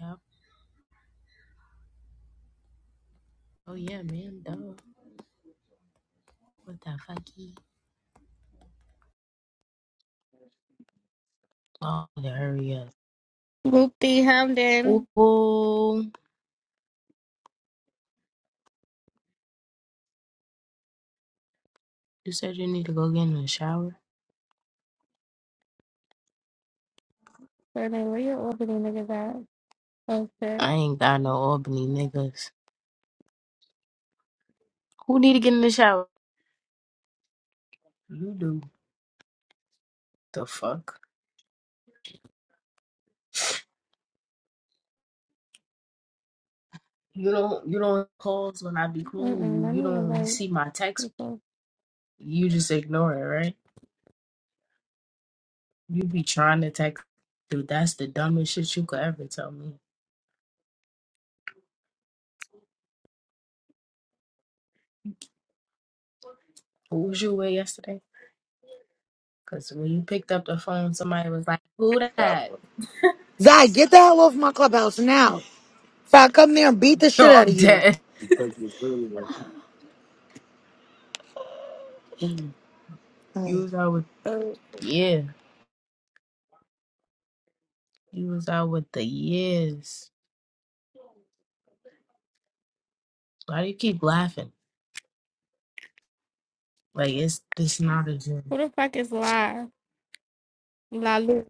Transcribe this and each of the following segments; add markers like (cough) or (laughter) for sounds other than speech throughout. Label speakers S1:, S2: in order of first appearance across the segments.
S1: Yep. Oh yeah, man. Duh. What the fucky? Oh, to hurry up.
S2: Whoopty Hamden.
S1: Whoa. You said you need to go get in the shower.
S2: Brother, where your orbiting niggas at? Oh shit.
S1: I ain't got no Albany niggas. Who need to get in the shower? You do. The fuck. You don't. You don't calls when I be calling
S2: Mm-mm,
S1: you.
S2: let
S1: You
S2: me
S1: don't really
S2: invite
S1: see my text.
S2: people.
S1: You just ignore it, right? You be trying to text. Dude, that's the dumbest shit you could ever tell me. Who was you with yesterday? Cause when you picked up the phone, somebody was like, "Who that?"
S3: Zai, get the hell off my clubhouse now. If I come there and
S1: (laughs)
S3: beat the
S1: Yo,
S3: shit out
S1: I'm
S3: of you.
S1: dead. You was out with yeah. You was out with the years. Why do you keep laughing? Like it's this not a joke.
S2: Who the fuck is La? La Lu.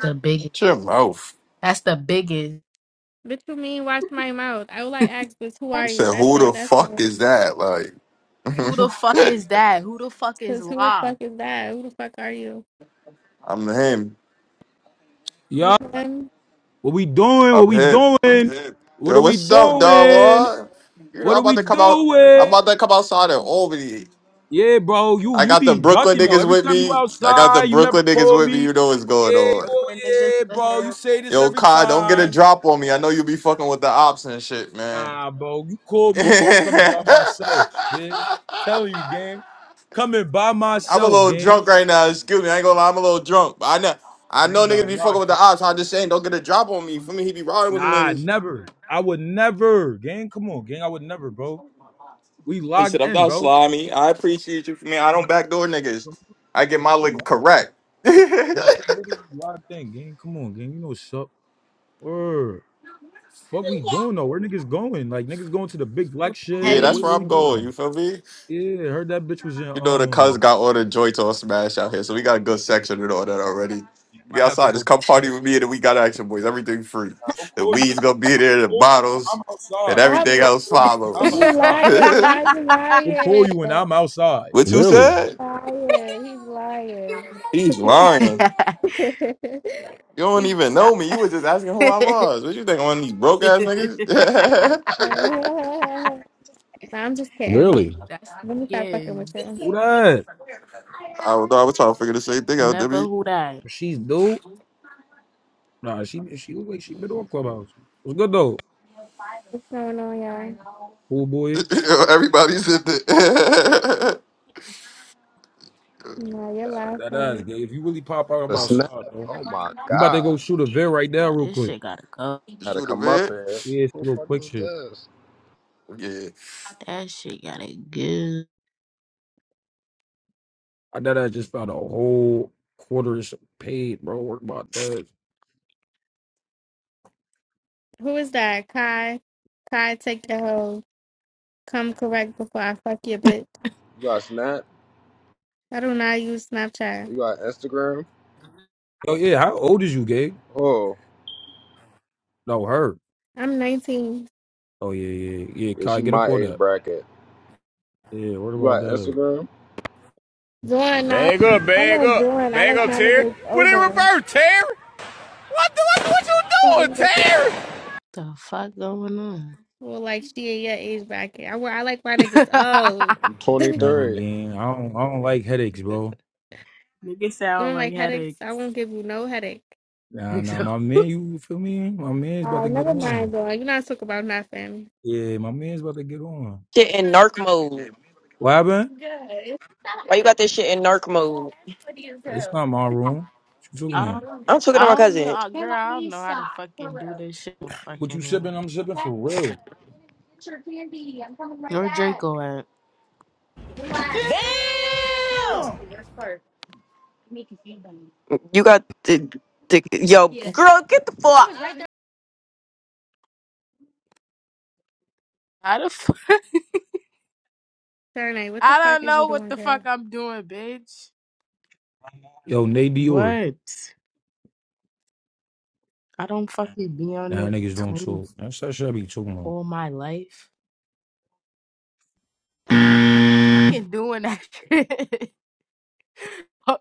S1: The biggest.
S4: Shut your mouth.
S1: That's the biggest.
S2: Bitch, you mean watch my mouth? I would like ask this, who are
S4: You
S2: you?
S4: said,
S2: That's
S4: who
S2: it,
S4: the
S2: that's
S4: fuck
S2: all.
S4: is that? Like,
S1: Who the fuck is that? Who the fuck is
S2: Cause who the
S1: La?
S2: fuck is that? Who the fuck are you?
S4: I'm him.
S2: You
S5: Yeah.
S2: lying?
S5: What we doing? What
S4: I'm
S5: we
S4: him.
S5: doing? Yeah. What
S4: Yo,
S5: are we
S4: what's up, dog?
S5: doing?
S4: What? You know, I'm
S5: What are
S4: about
S5: we
S4: to come out. I'm
S5: doing?
S4: about to come outside and over you.
S5: Yeah, bro. You
S4: I
S5: you
S4: got the
S5: be
S4: Brooklyn
S5: ducking though.
S4: niggas
S5: Every
S4: with
S5: time you
S4: me. I got the
S5: outside, you never
S4: Brooklyn niggas
S5: call
S4: with me.
S5: me.
S4: You know what's
S1: You
S4: going
S5: Yeah, you
S4: on.
S1: Brooklyn niggas
S5: oh yeah,
S1: for
S5: bro. You
S1: him.
S5: say this
S4: Yo,
S5: every
S4: Kai, don't get a
S5: time.
S4: drop on me. I know you be fucking with the ops and shit, man.
S5: Nah, bro. You call me, bro. I'm
S4: (laughs)
S5: coming by myself, man. Telling you, gang. Coming by
S4: I'm a
S5: myself,
S4: little
S5: gang.
S4: drunk right now. Excuse me. I ain't gonna lie. I'm a little drunk. But I know, I
S5: I ain't
S4: know
S5: gonna
S4: niggas be
S5: lie,
S4: fucking with the
S5: bro.
S4: ops. I'm just saying, don't get a drop on me. For me, he be riding with them
S5: Nah,
S4: niggas.
S5: never. I would never, gang. Come on, gang. I would never, bro. We
S4: He
S5: locked
S4: said, I'm
S5: in,
S4: not
S5: bro.
S4: slimy. I appreciate you for me. I don't backdoor niggas.
S5: Come on,
S4: I get my
S5: gang. We
S4: lick
S5: locked
S4: correct. (laughs) yeah,
S5: Nah, what what is this live thing, gang? Come on, gang. You know what's up. Word. Fuck we doing though. Where niggas going? Like niggas going to the big black shit.
S4: that's
S5: What
S4: where
S1: Helly.
S5: what we
S4: I'm going. You
S5: doing?
S4: feel me?
S5: Yeah, heard that bitch was in
S4: You know the cuz
S5: um
S4: got all the joints all smashed out here, so we got a good
S5: yeah,
S4: section and all that already.
S5: yeah, I
S4: We
S5: might have to
S4: outside,
S5: go
S4: just come
S5: push
S4: party
S5: up.
S4: with me and then we got action boys. Everything free.
S5: I'll
S4: The
S5: call you when
S4: weed's gonna be there, the
S5: call you.
S4: bottles,
S5: I'm
S4: and
S5: outside.
S2: Why
S4: everything
S2: b-
S5: I'll
S4: else
S5: call you when I'm
S1: (laughs)
S2: you
S4: follows. (laughs)
S5: outside.
S2: lying? Why you
S5: We'll
S2: lying?
S5: call you when I'm outside.
S4: what you
S5: Really?
S4: said?
S2: Lying. He's lying.
S4: He's lying.
S2: (laughs)
S4: You don't
S2: He's
S4: even
S1: Stop.
S4: know me. You was
S1: (laughs)
S4: just asking who I was. What you think? I'm one of these broke ass niggas? (laughs)
S2: (laughs) nah, I'm just kidding.
S5: Really?
S1: That's
S2: Let me
S1: the
S2: stop fucking with
S1: biggest.
S2: you.
S5: Who that?
S4: I was, I was trying to figure the same thing out,
S1: Never
S4: Debbie.
S1: who that.
S5: She's dope. Nah, she she look like she been on Clubhouse. What's good though?
S2: What's going on, y'all?
S5: Cool
S4: (laughs)
S5: boy.
S4: Everybody's in that.
S2: No, you're
S5: Nah,
S2: loud,
S5: that ass
S2: funny.
S5: gay. If you really pop out, I'm
S6: The
S5: outside.
S6: snap?
S5: though.
S6: Oh my
S5: We about to
S6: god.
S5: go shoot a vid right now,
S1: Nah,
S5: real
S1: this
S5: quick.
S1: shit gotta go.
S4: (laughs)
S6: Had to
S4: Shoot a
S6: come up
S4: bit.
S6: here.
S5: Yeah, it's
S6: Who the
S5: a little
S6: fuck
S5: quick
S6: is
S5: shit.
S6: this?
S4: Yeah.
S1: That shit gotta go.
S5: I know that I just found a whole quarter's paid, bro. Work about that.
S2: Who is that? Kai. Kai, take your hoe. Come correct before I fuck your bitch.
S6: You got snap?
S2: I do not use Snapchat.
S6: You got Instagram?
S5: Oh yeah, how old is you, Gabe?
S6: Oh,
S5: No, her.
S2: I'm 19.
S5: Oh yeah, yeah, yeah. Yeah,
S6: yeah,
S5: Kai,
S6: she
S5: get up
S6: my
S5: on
S6: age
S5: that.
S6: bracket.
S5: Yeah, what
S6: You
S5: about
S6: got
S5: that?
S6: Instagram?
S2: Doing now.
S5: Bag up,
S2: I
S5: bag
S2: want
S5: up,
S2: doing. I
S5: bag
S2: like
S5: up,
S2: my
S5: Terry.
S2: niggas
S5: Put it in
S2: older.
S5: reverse, Terry. What the what, what
S2: So How
S5: you
S2: you
S5: doing,
S2: looking?
S5: Terry?
S1: The fuck going on?
S2: Well, like she in your age bracket. I, wa- I like my niggas old.
S6: I'm
S1: (laughs)
S2: (laughs) you
S5: Nah,
S6: 23.
S5: again, I don't, I don't like headaches, bro.
S1: Nigga sound
S2: don't
S1: like
S2: like headaches?
S1: headaches.
S2: I won't give you no headache.
S1: (laughs)
S5: Nah, nah,
S1: So,
S5: my man, you feel me? My man's about
S2: Oh,
S5: to get
S2: never mind,
S5: on.
S2: though. You're not talking about nothing.
S5: Yeah, my man's about to get on.
S7: shit in narc mode?
S5: What happened?
S7: Why you got this shit in narc mode?
S5: It's not my room. What you
S1: I
S5: talking about?
S1: don't,
S7: I'm talking to
S1: I
S7: my
S1: don't know,
S7: cousin.
S1: uh, girl. I don't know how to fucking do this shit. with
S5: What you
S1: Fucking
S5: sipping?
S1: um,
S5: I'm sipping for real.
S1: where Draco at?
S5: Damn!
S7: You got the, the yo girl. Get the fuck.
S1: How the fuck? (laughs)
S2: Sharnay, what the
S1: I
S2: fuck
S1: don't
S2: is you
S1: know what
S2: doing,
S1: the
S2: girl?
S1: fuck I'm doing, bitch.
S5: Yo, Nate Dior.
S1: What? I don't fucking be on
S5: Nah,
S1: the
S5: niggas don't talk.
S1: twins
S5: That's that shit I be talking about.
S1: all my life. Fucking doing that shit. (laughs)